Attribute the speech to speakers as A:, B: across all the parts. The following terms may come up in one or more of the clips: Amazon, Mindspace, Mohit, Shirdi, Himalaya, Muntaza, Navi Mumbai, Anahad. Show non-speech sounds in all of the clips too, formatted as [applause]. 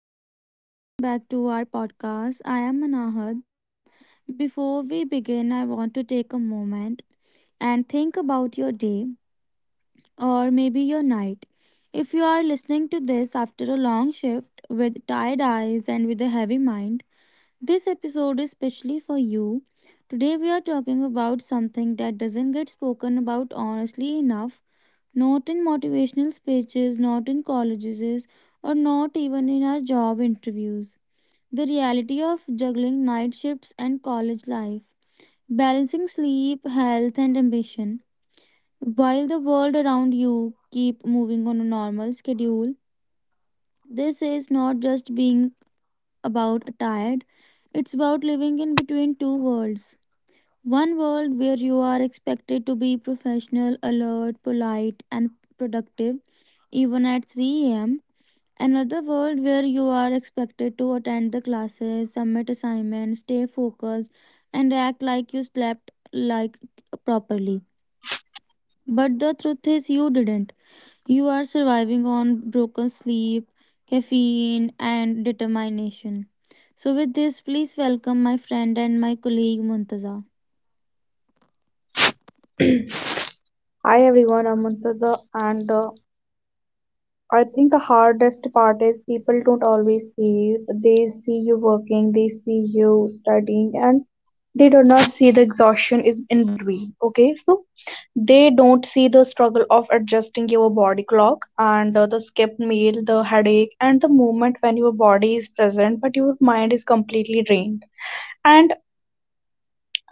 A: hi everyone, welcome back to our podcast. I am Anahad. Before we begin, I want to take a moment and think about your day or maybe your night. If you are listening to this after a long shift with tired eyes and with a heavy mind, this episode is specially for you. Today, we are talking about something that doesn't get spoken about honestly enough, not in motivational speeches, not in colleges, or not even in our job interviews. The reality of juggling night shifts and college life, balancing sleep, health, and ambition. While the world around you keep moving on a normal schedule, this is not just being about tired, it's about living in between two worlds. One world where you are expected to be professional, alert, polite, and productive even at 3 a.m. Another world where you are expected to attend the classes, submit assignments, stay focused, and act like you slept like properly. But the truth is you didn't. You are surviving on broken sleep, caffeine, and determination. So with this, please welcome my friend and my colleague Muntaza.
B: Hi everyone, I'm Murtaza, and I think the hardest part is people don't always see you. They see you working, they see you studying, and they do not see the exhaustion is in between. Okay, so they don't see the struggle of adjusting your body clock and the skipped meal, the headache, and the moment when your body is present but your mind is completely drained. And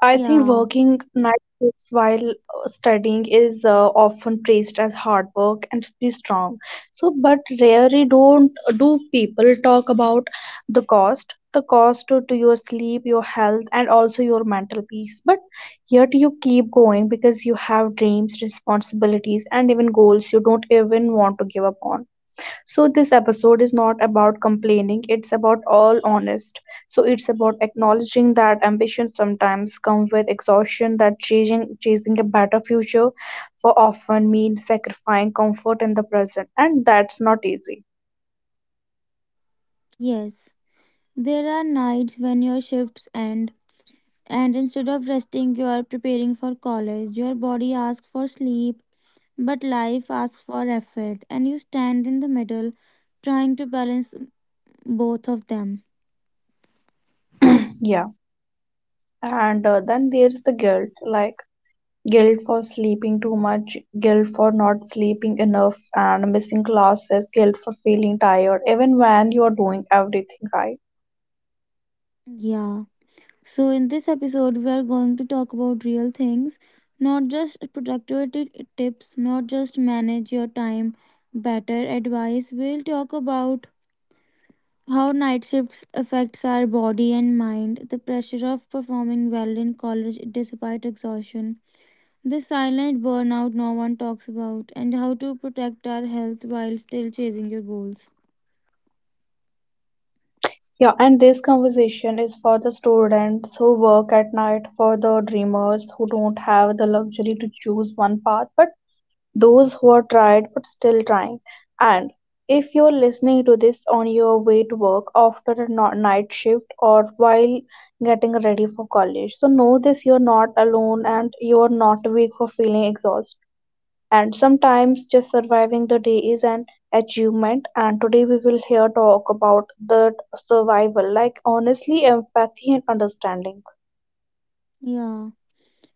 B: I think
A: Yeah,
B: working night shifts while studying is often praised as hard work and be strong. So, but rarely don't do people talk about the cost to your sleep, your health, and also your mental peace. But yet you keep going because you have dreams, responsibilities, and even goals you don't even want to give up on. So this episode is not about complaining, it's about all honest. So it's about acknowledging that ambition sometimes comes with exhaustion, that chasing a better future for often means sacrificing comfort in the present, and that's not easy.
A: yes. There are nights when your shifts end and instead of resting you are preparing for college. Your body asks for sleep. But life asks for effort, and you stand in the middle trying to balance both of them.
B: [clears throat] Yeah. And then there's the guilt, like guilt for sleeping too much, guilt for not sleeping enough and missing classes, guilt for feeling tired even when you are doing everything right.
A: Yeah. So, in this episode, we are going to talk about real things, not just productivity tips, not just manage your time better advice. We'll talk about how night shifts affects our body and mind, the pressure of performing well in college despite exhaustion, the silent burnout no one talks about, and how to protect our health while still chasing your goals.
B: Yeah, and this conversation is for the students who work at night, for the dreamers who don't have the luxury to choose one path, but those who are tired but still trying. And if you're listening to this on your way to work after a night shift or while getting ready for college, so know this, you're not alone and you're not weak for feeling exhausted, and sometimes just surviving the day is an achievement, and today we will here talk about the survival like honestly empathy and understanding.
A: Yeah.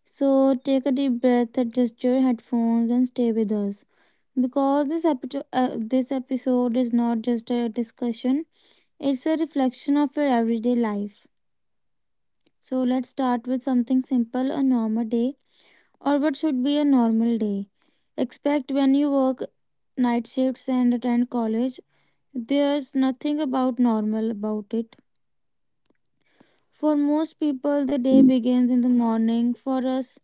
A: So take a deep breath, adjust your headphones, and stay with us. Because this, this episode is not just a discussion, it's a reflection of your everyday life. So let's start with something simple, a normal day, or what should be a normal day. Expect when you work night shifts and attend college, there's nothing about normal about it. For most people, the day begins in the morning. For us,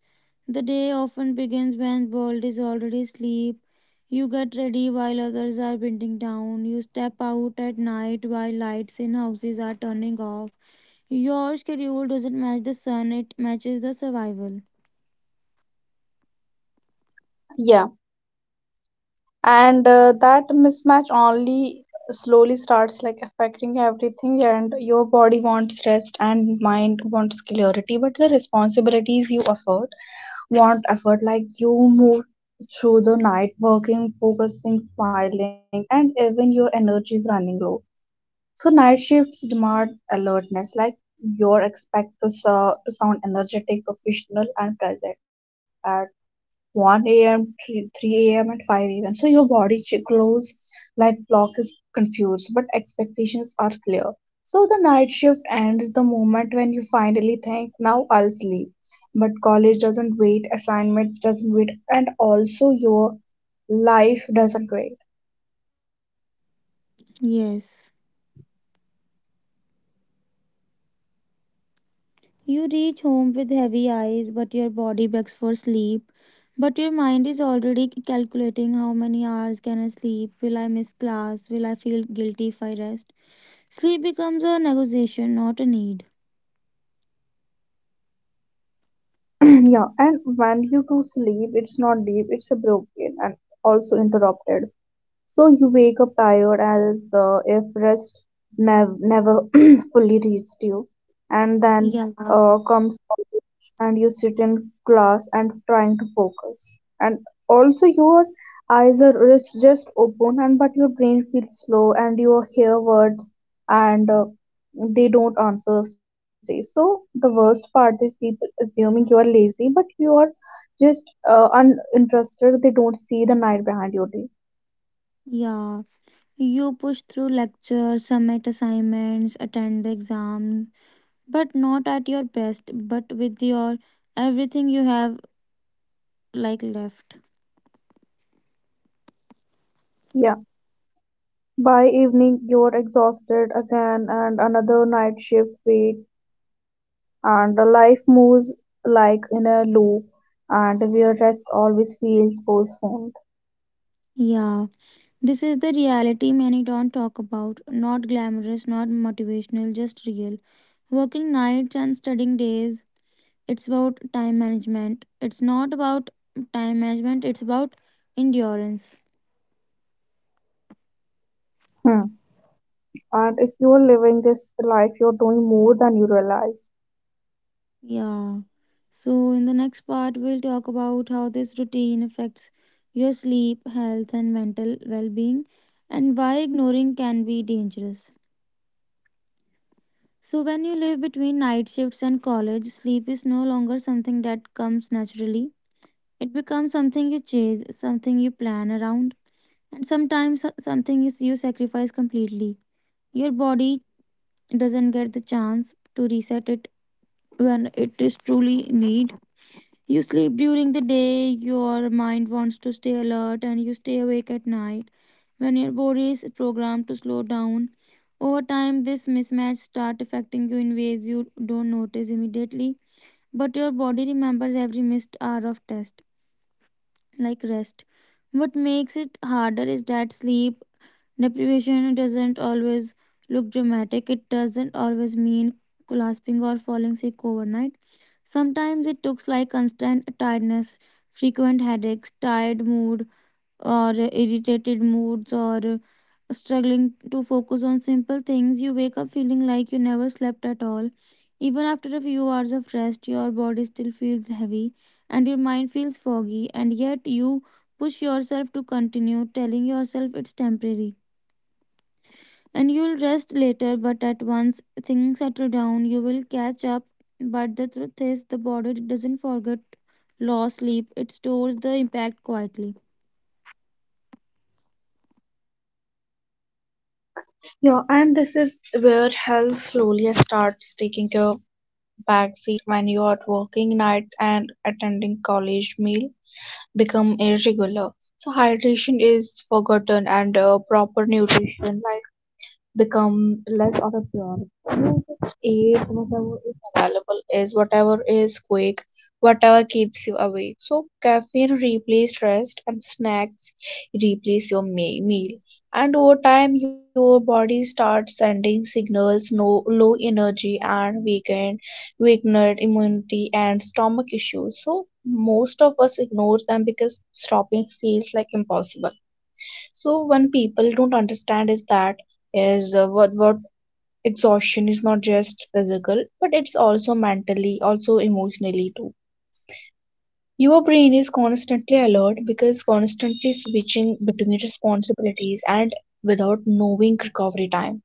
A: the day often begins when world is already asleep. You get ready while others are winding down. You step out at night while lights in houses are turning off. Your schedule doesn't match the sun, it matches the survival.
B: Yeah, and that mismatch only slowly starts like affecting everything, and your body wants rest and mind wants clarity but the responsibilities you afford want effort, like you move through the night working focusing smiling and even your energy is running low. So night shifts demand alertness, like you're expected to, so, to sound energetic, professional, and present at 1 a.m., 3 a.m., and 5 a.m. So your close like clock is confused, but expectations are clear. So the night shift ends the moment when you finally think, now I'll sleep. But college doesn't wait, assignments doesn't wait, and also your life doesn't wait.
A: Yes. You reach home with heavy eyes, but your body begs for sleep. But your mind is already calculating how many hours can I sleep? Will I miss class? Will I feel guilty if I rest? Sleep becomes a negotiation, not a need.
B: [clears throat] Yeah, and when you do sleep it's not deep, it's a broken and also interrupted, so you wake up tired as if rest never [clears throat] fully reached you. And then
A: Yeah,
B: comes college and you sit in class and trying to focus. And also your eyes are just open and but your brain feels slow and you hear words and they don't answer stay. So the worst part is people assuming you are lazy but you are just uninterested. They don't see the night behind your day.
A: yeah. You push through lectures, submit assignments, attend the exam, but not at your best, but with your everything you have like left.
B: Yeah. By evening you're exhausted again and another night shift wait, and the life moves like in a loop and where rest always feels postponed.
A: Yeah, this is the reality many don't talk about. Not glamorous, not motivational, just real. Working nights and studying days. It's about time management. It's not about time management, it's about endurance.
B: Hmm. And if you're living this life you're doing more than you realize.
A: Yeah. So, in the next part, we'll talk about how this routine affects your sleep, health, and mental well being, and why ignoring can be dangerous. So, when you live between night shifts and college, sleep is no longer something that comes naturally. It becomes something you chase, something you plan around, and sometimes something you sacrifice completely. Your body doesn't get the chance to reset it when it is truly need. You sleep during the day, your mind wants to stay alert, and you stay awake at night when your body is programmed to slow down. Over time, this mismatch starts affecting you in ways you don't notice immediately, but your body remembers every missed hour of test, like rest. What makes it harder is that sleep deprivation doesn't always look dramatic. It doesn't always mean collapsing or falling sick overnight. Sometimes it looks like constant tiredness, frequent headaches, tired mood, or irritated moods, or struggling to focus on simple things. You wake up feeling like you never slept at all. Even after a few hours of rest, your body still feels heavy and your mind feels foggy, and yet you push yourself to continue, telling yourself it's temporary. And you'll rest later, but at once things settle down, you will catch up. But the truth is, the body doesn't forget. Low sleep, it stores the impact quietly.
B: Yeah, and this is where health slowly starts taking a backseat when you are working nights and attending college meal become irregular. So hydration is forgotten and proper nutrition like become less of a priority. You just eat whatever is available, is whatever is quick, whatever keeps you awake. So caffeine replaces rest, and snacks replace your meal. And over time, your body starts sending signals: no low energy and weakened immunity and stomach issues. So most of us ignore them because stopping feels like impossible, so when people don't understand is that is what exhaustion is not just physical but it's also mentally also emotionally too. Your brain is constantly alert because constantly switching between responsibilities and without knowing recovery time.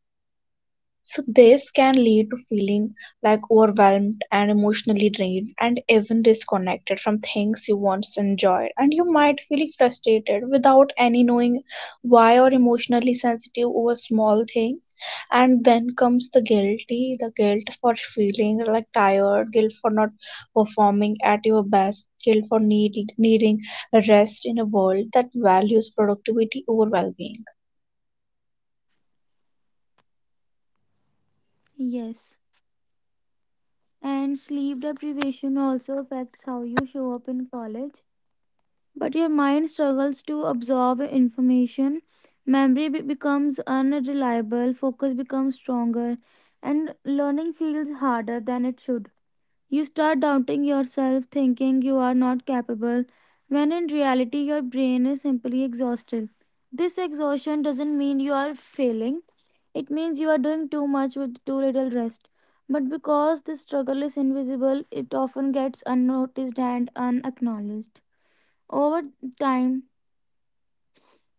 B: So this can lead to feeling like overwhelmed and emotionally drained and even disconnected from things you once enjoyed, and you might feel frustrated without any knowing why or emotionally sensitive over small things, and then comes the guilty, the guilt for feeling like tired, guilt for not performing at your best, guilt for needing rest in a world that values productivity over well-being.
A: Yes. And sleep deprivation also affects how you show up in college. But your mind struggles to absorb information. Memory becomes unreliable, focus becomes stronger, and learning feels harder than it should. You start doubting yourself, thinking you are not capable, when in reality, your brain is simply exhausted. This exhaustion doesn't mean you are failing, it means you are doing too much with too little rest. But because this struggle is invisible, it often gets unnoticed and unacknowledged. Over time,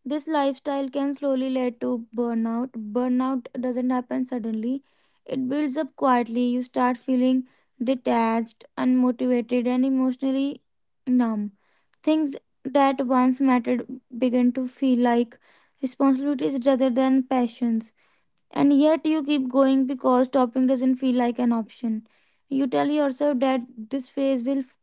A: this lifestyle can slowly lead to burnout. Burnout doesn't happen suddenly, it builds up quietly. You start feeling detached, unmotivated, and emotionally numb. Things that once mattered begin to feel like responsibilities rather than passions, and yet you keep going because stopping doesn't feel like an option. You tell yourself that this phase will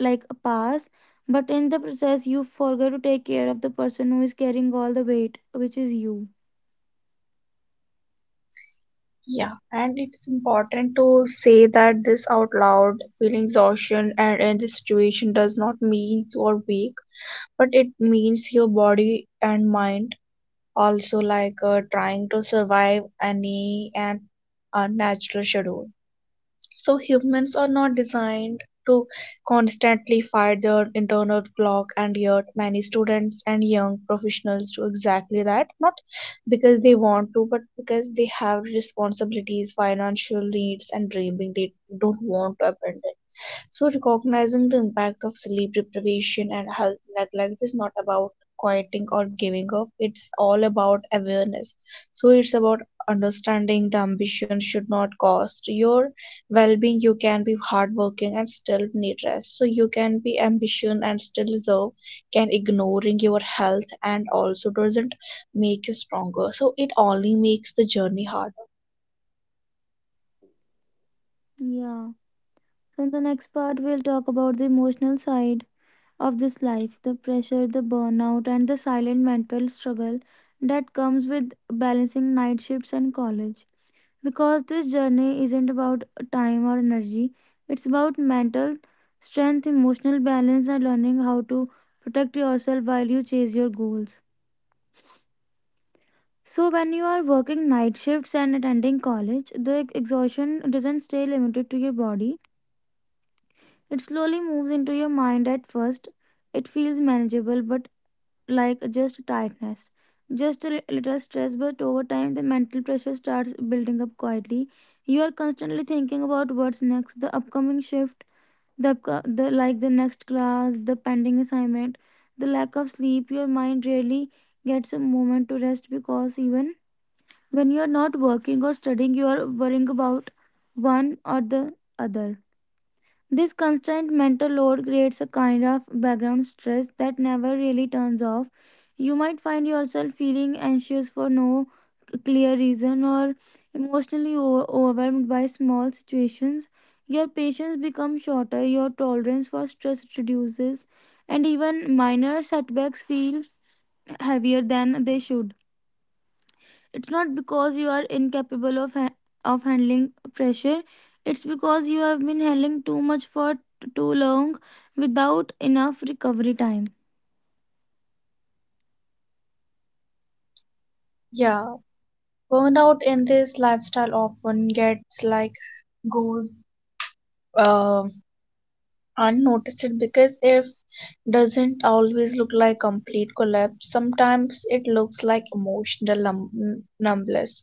A: like pass, but in the process you forget to take care of the person who is carrying all the weight, which is you.
B: Yeah, and it's important to say that this out loud. Feeling exhaustion and in this situation does not mean you're weak, but it means your body and mind also trying to survive any and unnatural schedule. So humans are not designed to constantly fight their internal clock, and yet many students and young professionals do exactly that, not because they want to but because they have responsibilities, financial needs, and dreaming they don't want to abandon. So, recognizing the impact of sleep deprivation and health neglect is not about quieting or giving up, it's all about awareness. So, it's about understanding the ambition should not cost your well being. You can be hardworking and still need rest. So, you can be ambitious and still deserve, can ignoring your health and also doesn't make you stronger. So, it only makes the journey harder.
A: Yeah. So in the next part we'll talk about the emotional side of this life, the pressure, the burnout, and the silent mental struggle that comes with balancing night shifts and college, because this journey isn't about time or energy, it's about mental strength, emotional balance, and learning how to protect yourself while you chase your goals. So, when you are working night shifts and attending college, the exhaustion doesn't stay limited to your body. It slowly moves into your mind at first. It feels manageable, but like just tiredness, just a li- little stress, but over time the mental pressure starts building up quietly. You are constantly thinking about what's next, the upcoming shift, the next class, the pending assignment, the lack of sleep. Your mind rarely gets a moment to rest because even when you are not working or studying, you are worrying about one or the other. This constant mental load creates a kind of background stress that never really turns off. You might find yourself feeling anxious for no clear reason or emotionally overwhelmed by small situations. Your patience becomes shorter, your tolerance for stress reduces, and even minor setbacks feel heavier than they should. It's not because you are incapable of handling pressure, it's because you have been handling too much for too long without enough recovery time.
B: Yeah, burnout in this lifestyle often gets like goes uh, unnoticed it because if doesn't always look like complete collapse, sometimes it looks like emotional numbness,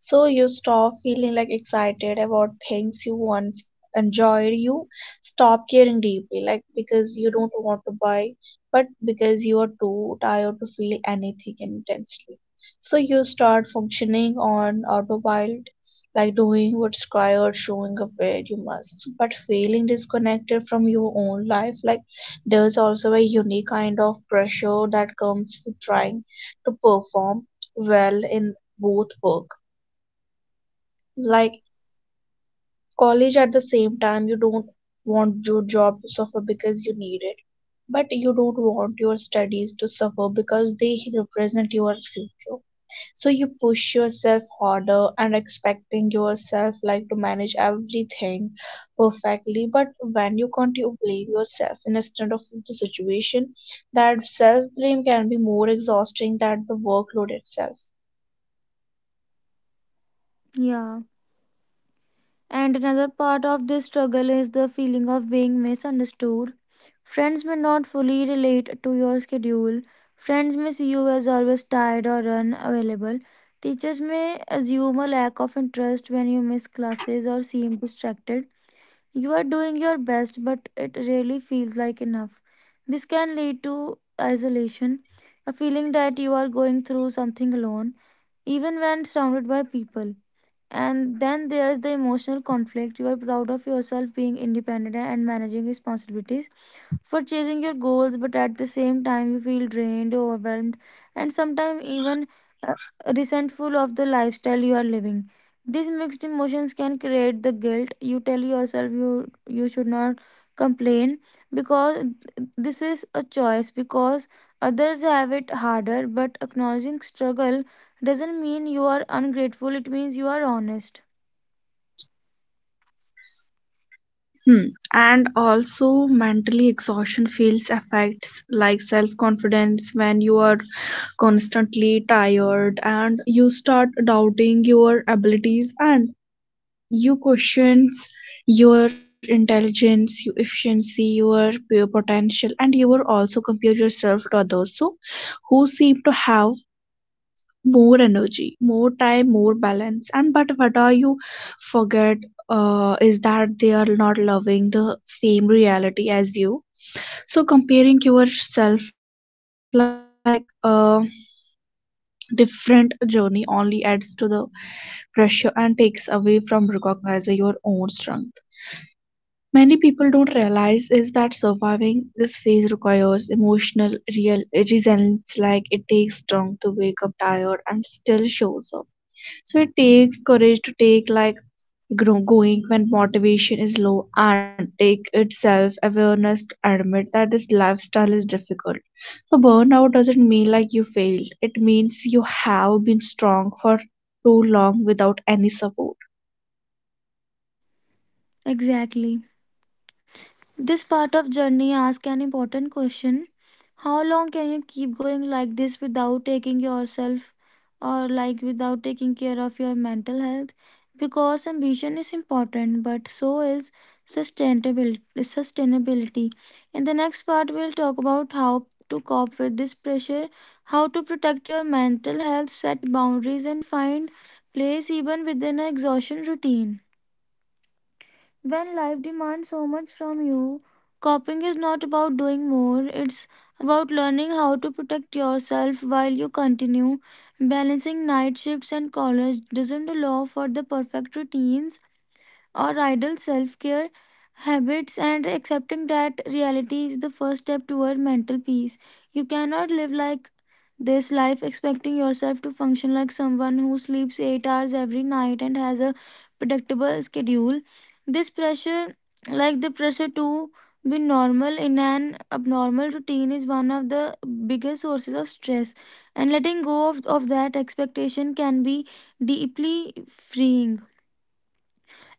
B: so you stop feeling like excited about things you once enjoyed, you stop caring deeply like because you don't want to buy but because you are too tired to feel anything intensely, so you start functioning on autopilot, like doing what's required showing up where you must but feeling disconnected from your own life. Like there's also a unique kind of pressure that comes with trying to perform well in both work like college at the same time, you don't want your job to suffer because you need it but you don't want your studies to suffer because they represent your future, so you push yourself harder and expecting yourself like to manage everything perfectly, but when you continue blame yourself instead of the situation, that self blame can be more exhausting than the workload itself.
A: Yeah, and another part of this struggle is the feeling of being misunderstood. Friends may not fully relate to your schedule, friends may see you as always tired or unavailable, teachers may assume a lack of interest when you miss classes or seem distracted. You are doing your best, but it really feels like enough. This can lead to isolation, a feeling that you are going through something alone, even when surrounded by people. And then there's the emotional conflict. You are proud of yourself being independent and managing responsibilities for chasing your goals, but at the same time, you feel drained, overwhelmed, and sometimes even resentful of the lifestyle you are living. These mixed emotions can create the guilt. You tell yourself you should not complain because this is a choice, because others have it harder, but acknowledging struggle doesn't mean you are ungrateful, it means you are honest.
B: Hmm. And also, mentally exhaustion feels affects like self confidence when you are constantly tired, and you start doubting your abilities and you questions your intelligence your efficiency your potential, and you will also compare yourself to others so who seem to have more energy more time more balance and but what are you forget is that they are not loving the same reality as you, so comparing yourself like a different journey only adds to the pressure and takes away from recognizing your own strength. Many people don't realize is that surviving this phase requires emotional real resilience, like it takes strength to wake up tired and still shows up. So it takes courage to take like grow, going when motivation is low, and take its self awareness to admit that this lifestyle is difficult. So burnout doesn't mean like you failed. It means you have been strong for too long without any support.
A: Exactly. This part of journey asks an important question. How long can you keep going like this without taking yourself or like without taking care of your mental health? Because ambition is important, but so is sustainability. In the next part we'll talk about how to cope with this pressure, how to protect your mental health, set boundaries and find place even within an exhaustion routine. When life demands so much from you, coping is not about doing more, it's about learning how to protect yourself while you continue. Balancing night shifts and college doesn't allow for the perfect routines or idle self care habits, and accepting that reality is the first step toward mental peace. You cannot live like this life expecting yourself to function like someone who sleeps 8 hours every night and has a predictable schedule. This pressure, like the pressure to be normal in an abnormal routine, is one of the biggest sources of stress, and letting go of that expectation can be deeply freeing.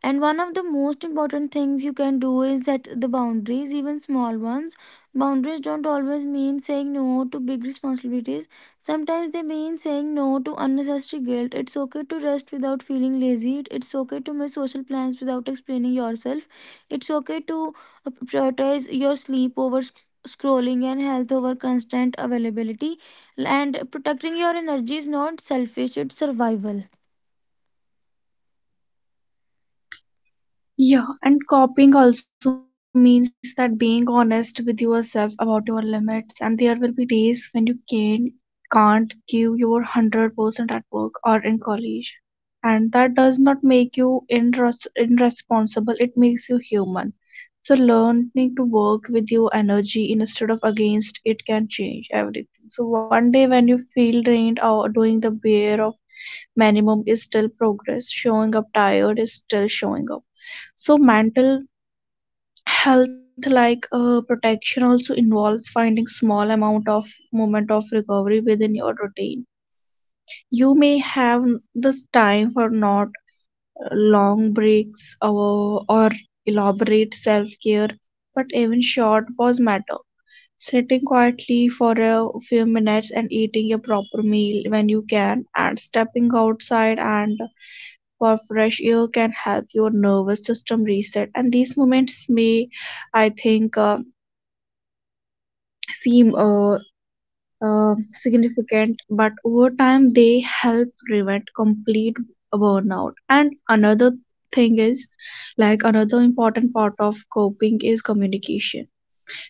A: And one of the most important things you can do is set the boundaries, even small ones. Boundaries don't always mean saying no to big responsibilities. Sometimes they mean saying no to unnecessary guilt. It's okay to rest without feeling lazy. It's okay to miss social plans without explaining yourself. It's okay to prioritize your sleep over scrolling and health over constant availability. And protecting your energy is not selfish, it's survival.
B: Yeah, and copying also means that being honest with yourself about your limits, and there will be days when can't give your 100% at work or in college. And that does not make you irresponsible, it makes you human. So, learning to work with your energy instead of against it can change everything. So, one day when you feel drained or doing the bare of minimum is still progress, showing up tired is still showing up, so mental health protection also involves finding small amount of moment of recovery within your routine. You may have this time for not long breaks or elaborate self-care but even short pause matter, sitting quietly for a few minutes and eating a proper meal when you can and stepping outside and for fresh air can help your nervous system reset, and these moments may I think seem significant, but over time they help prevent complete burnout. And another thing is, like, another important part of coping is communication,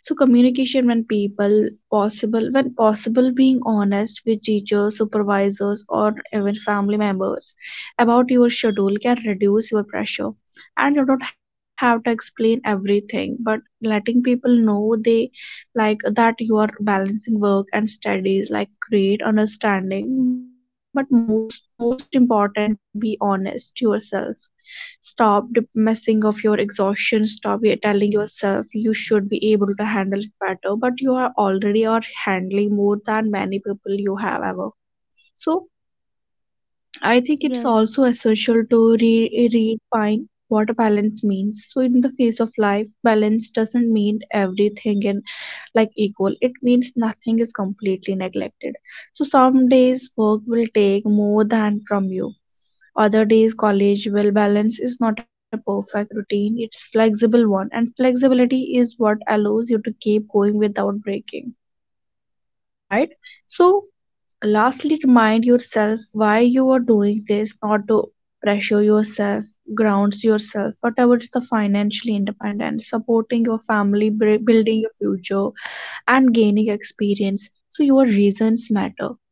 B: so communication when people possible, when possible being honest with teachers supervisors or even family members about your schedule can reduce your pressure, and you don't have to explain everything but letting people know they like that you are balancing work and studies like create understanding, but most important like be honest to yourself. Stop messing of your exhaustion. Stop telling yourself you should be able to handle it better, but you are already are handling more than many people you have ever. So I think it's
A: Yes.
B: also essential to redefine what a balance means. So in the face of life, balance doesn't mean everything and like equal. It means nothing is completely neglected. So some days work will take more than from you, other days college, well balance is not a perfect routine, it's flexible one, and flexibility is what allows you to keep going without breaking, right? So lastly remind yourself why you are doing this, not to pressure yourself, grounds yourself, whatever is the financially independent, supporting your family, building your future, and gaining experience, so your reasons matter.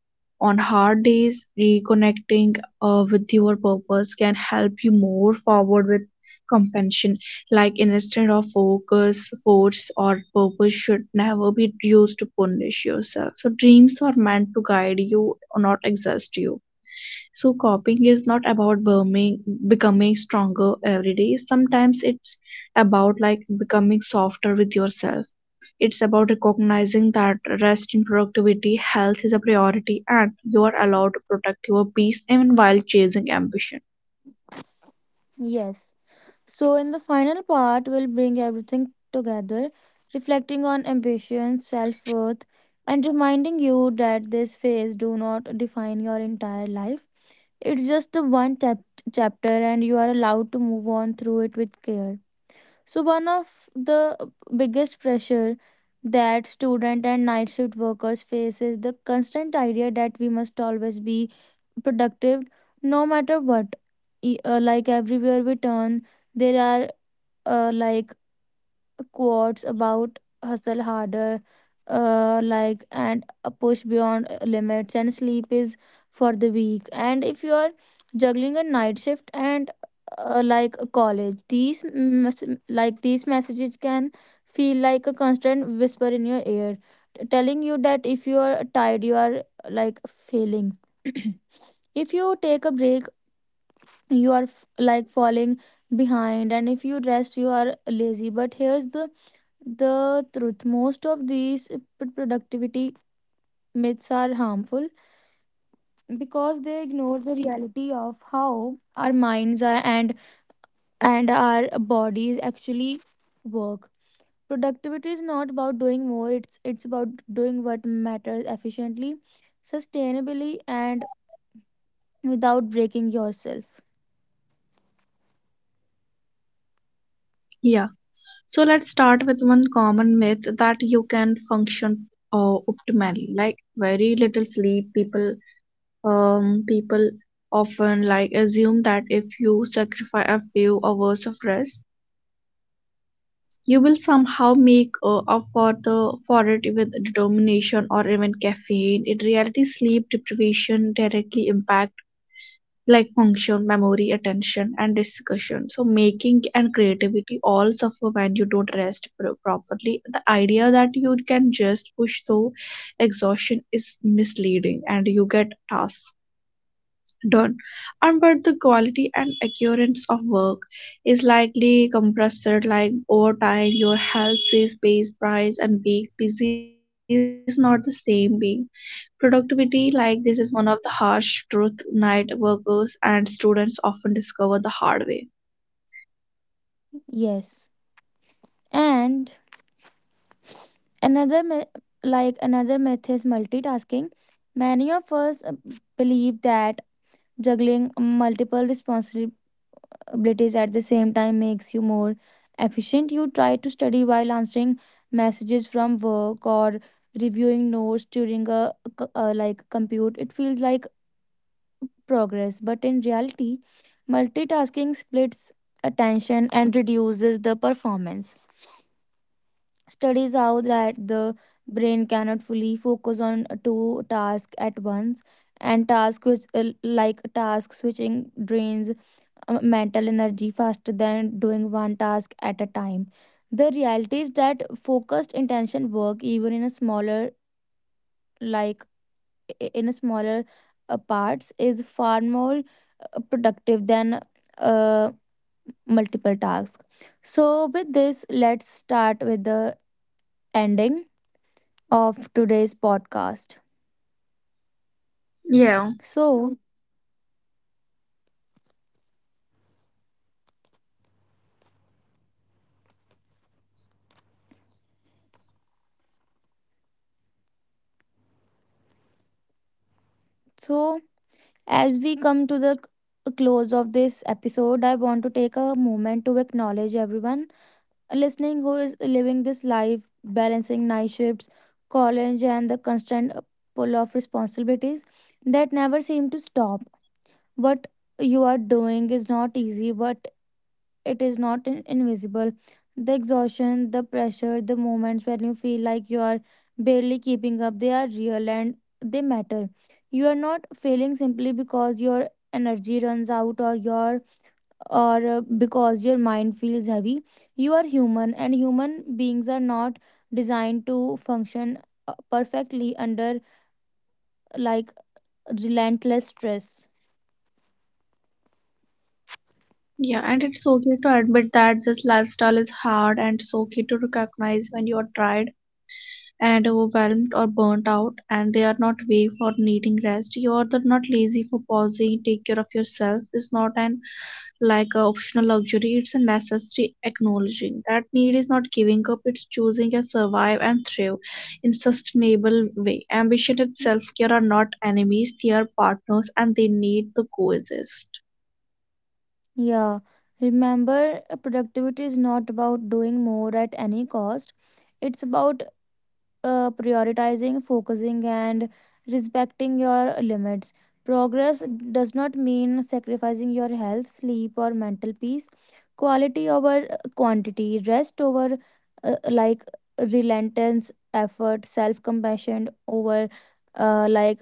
B: On hard days reconnecting with your purpose can help you move forward with compassion, like instead of focus force or purpose should never be used to punish yourself, so dreams are meant to guide you not exhaust you. So coping is not about becoming stronger every day, sometimes it's about like becoming softer with yourself. It's about recognizing that rest in productivity, health is a priority, and you are allowed to protect your peace even while chasing ambition.
A: Yes. So, in the final part, we'll bring everything together, reflecting on ambition, self worth, and reminding you that this phase do not define your entire life. It's just the one chapter, and you are allowed to move on through it with care. So, one of the biggest pressure that student and night shift workers face is the constant idea that we must always be productive, no matter what. Like everywhere we turn, there are uh, like quotes about hustle harder, and a push beyond limits, and sleep is for the weak. And if you are juggling a night shift and a college, these these messages can feel like a constant whisper in your ear, telling you that if you are tired, you are like failing. [clears throat] If you take a break, you are falling behind, and if you rest, you are lazy. But here's the truth. Most of these productivity myths are harmful because they ignore the reality of how our minds are and our bodies actually work. Productivity is not about doing more, it's about doing what matters efficiently, sustainably, and without breaking yourself.
B: Yeah, so let's start with one common myth that you can function optimally, like very little sleep. People often like assume that if you sacrifice a few hours of rest you will somehow make up for the for it with determination or even caffeine. In reality, sleep deprivation directly impact like function, memory, attention, and discussion. So making and creativity all suffer when you don't rest properly. The idea that you can just push through exhaustion is misleading, and you get tasks done, and but the quality and accuracy of work is likely compressed. Like over time, your health is base price, and being busy is not the same being productivity. Like this is one of the harsh truth night workers and students often discover the hard way.
A: Yes. And Another me- like another myth is multitasking. Many of us believe that juggling multiple responsibilities at the same time makes you more efficient. You try to study while answering messages from work or reviewing notes during a, compute. It feels like progress, but in reality, multitasking splits attention and reduces the performance. Studies how that the brain cannot fully focus on two tasks at once, and task which like task switching drains mental energy faster than doing one task at a time. The reality is that focused intention work, even in a smaller, like in a smaller parts, is far more productive than uh, multiple tasks. So with this, let's start with the ending of today's podcast.
B: Yeah.
A: So, so, as we come to the close of this episode, I want to take a moment to acknowledge everyone listening who is living this life, balancing night shifts, college, and the constant pull of responsibilities that never seem to stop. What you are doing is not easy, but it is not invisible. The exhaustion, the pressure, the moments when you feel like you are barely keeping up, they are real and they matter. You are not failing simply because your energy runs out or your, or because your mind feels heavy. You are human, and human beings are not designed to function perfectly under like relentless stress.
B: Yeah, and it's okay to admit that this lifestyle is hard, and it's okay to recognize when you are tired and overwhelmed or burnt out, and they are not weak for needing rest, you are not lazy for pausing, take care of yourself is not an like a optional luxury, it's a necessary acknowledging that need is not giving up, it's choosing a survive and thrive in sustainable way. Ambition and self-care are not enemies, they are partners and they need to coexist.
A: Yeah, remember, productivity is not about doing more at any cost. It's about prioritizing, focusing, and respecting your limits. Progress does not mean sacrificing your health, sleep, or mental peace. Quality over quantity, rest over uh, like relentless effort, self compassion over uh, like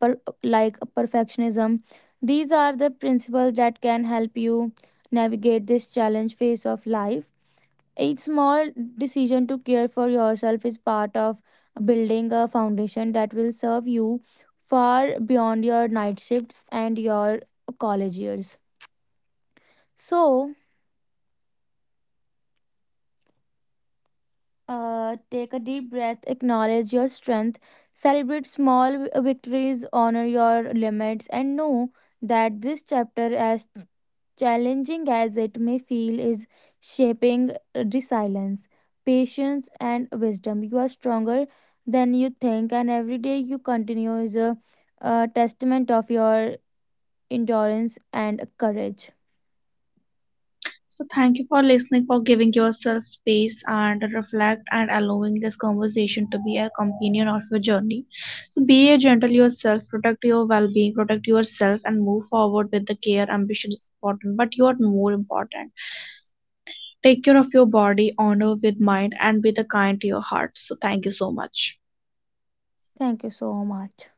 A: per, perfectionism. These are the principles that can help you navigate this challenge phase of life. Each small decision to care for yourself is part of building a foundation that will serve you far beyond your night shifts and your college years. So, take a deep breath, acknowledge your strength, celebrate small victories, honor your limits, and know that this chapter has challenging as it may feel, is shaping resilience, patience, and wisdom. You are stronger than you think, and every day you continue is a testament of your endurance and courage.
B: So, thank you for listening, for giving yourself space and reflect, and allowing this conversation to be a companion of your journey. So, be a gentle yourself, protect your well being, protect yourself, and move forward with the care. Ambition is important, but you are more important. Take care of your body, honor with mind, and be the kind to your heart. So, thank you so much.
A: Thank you so much.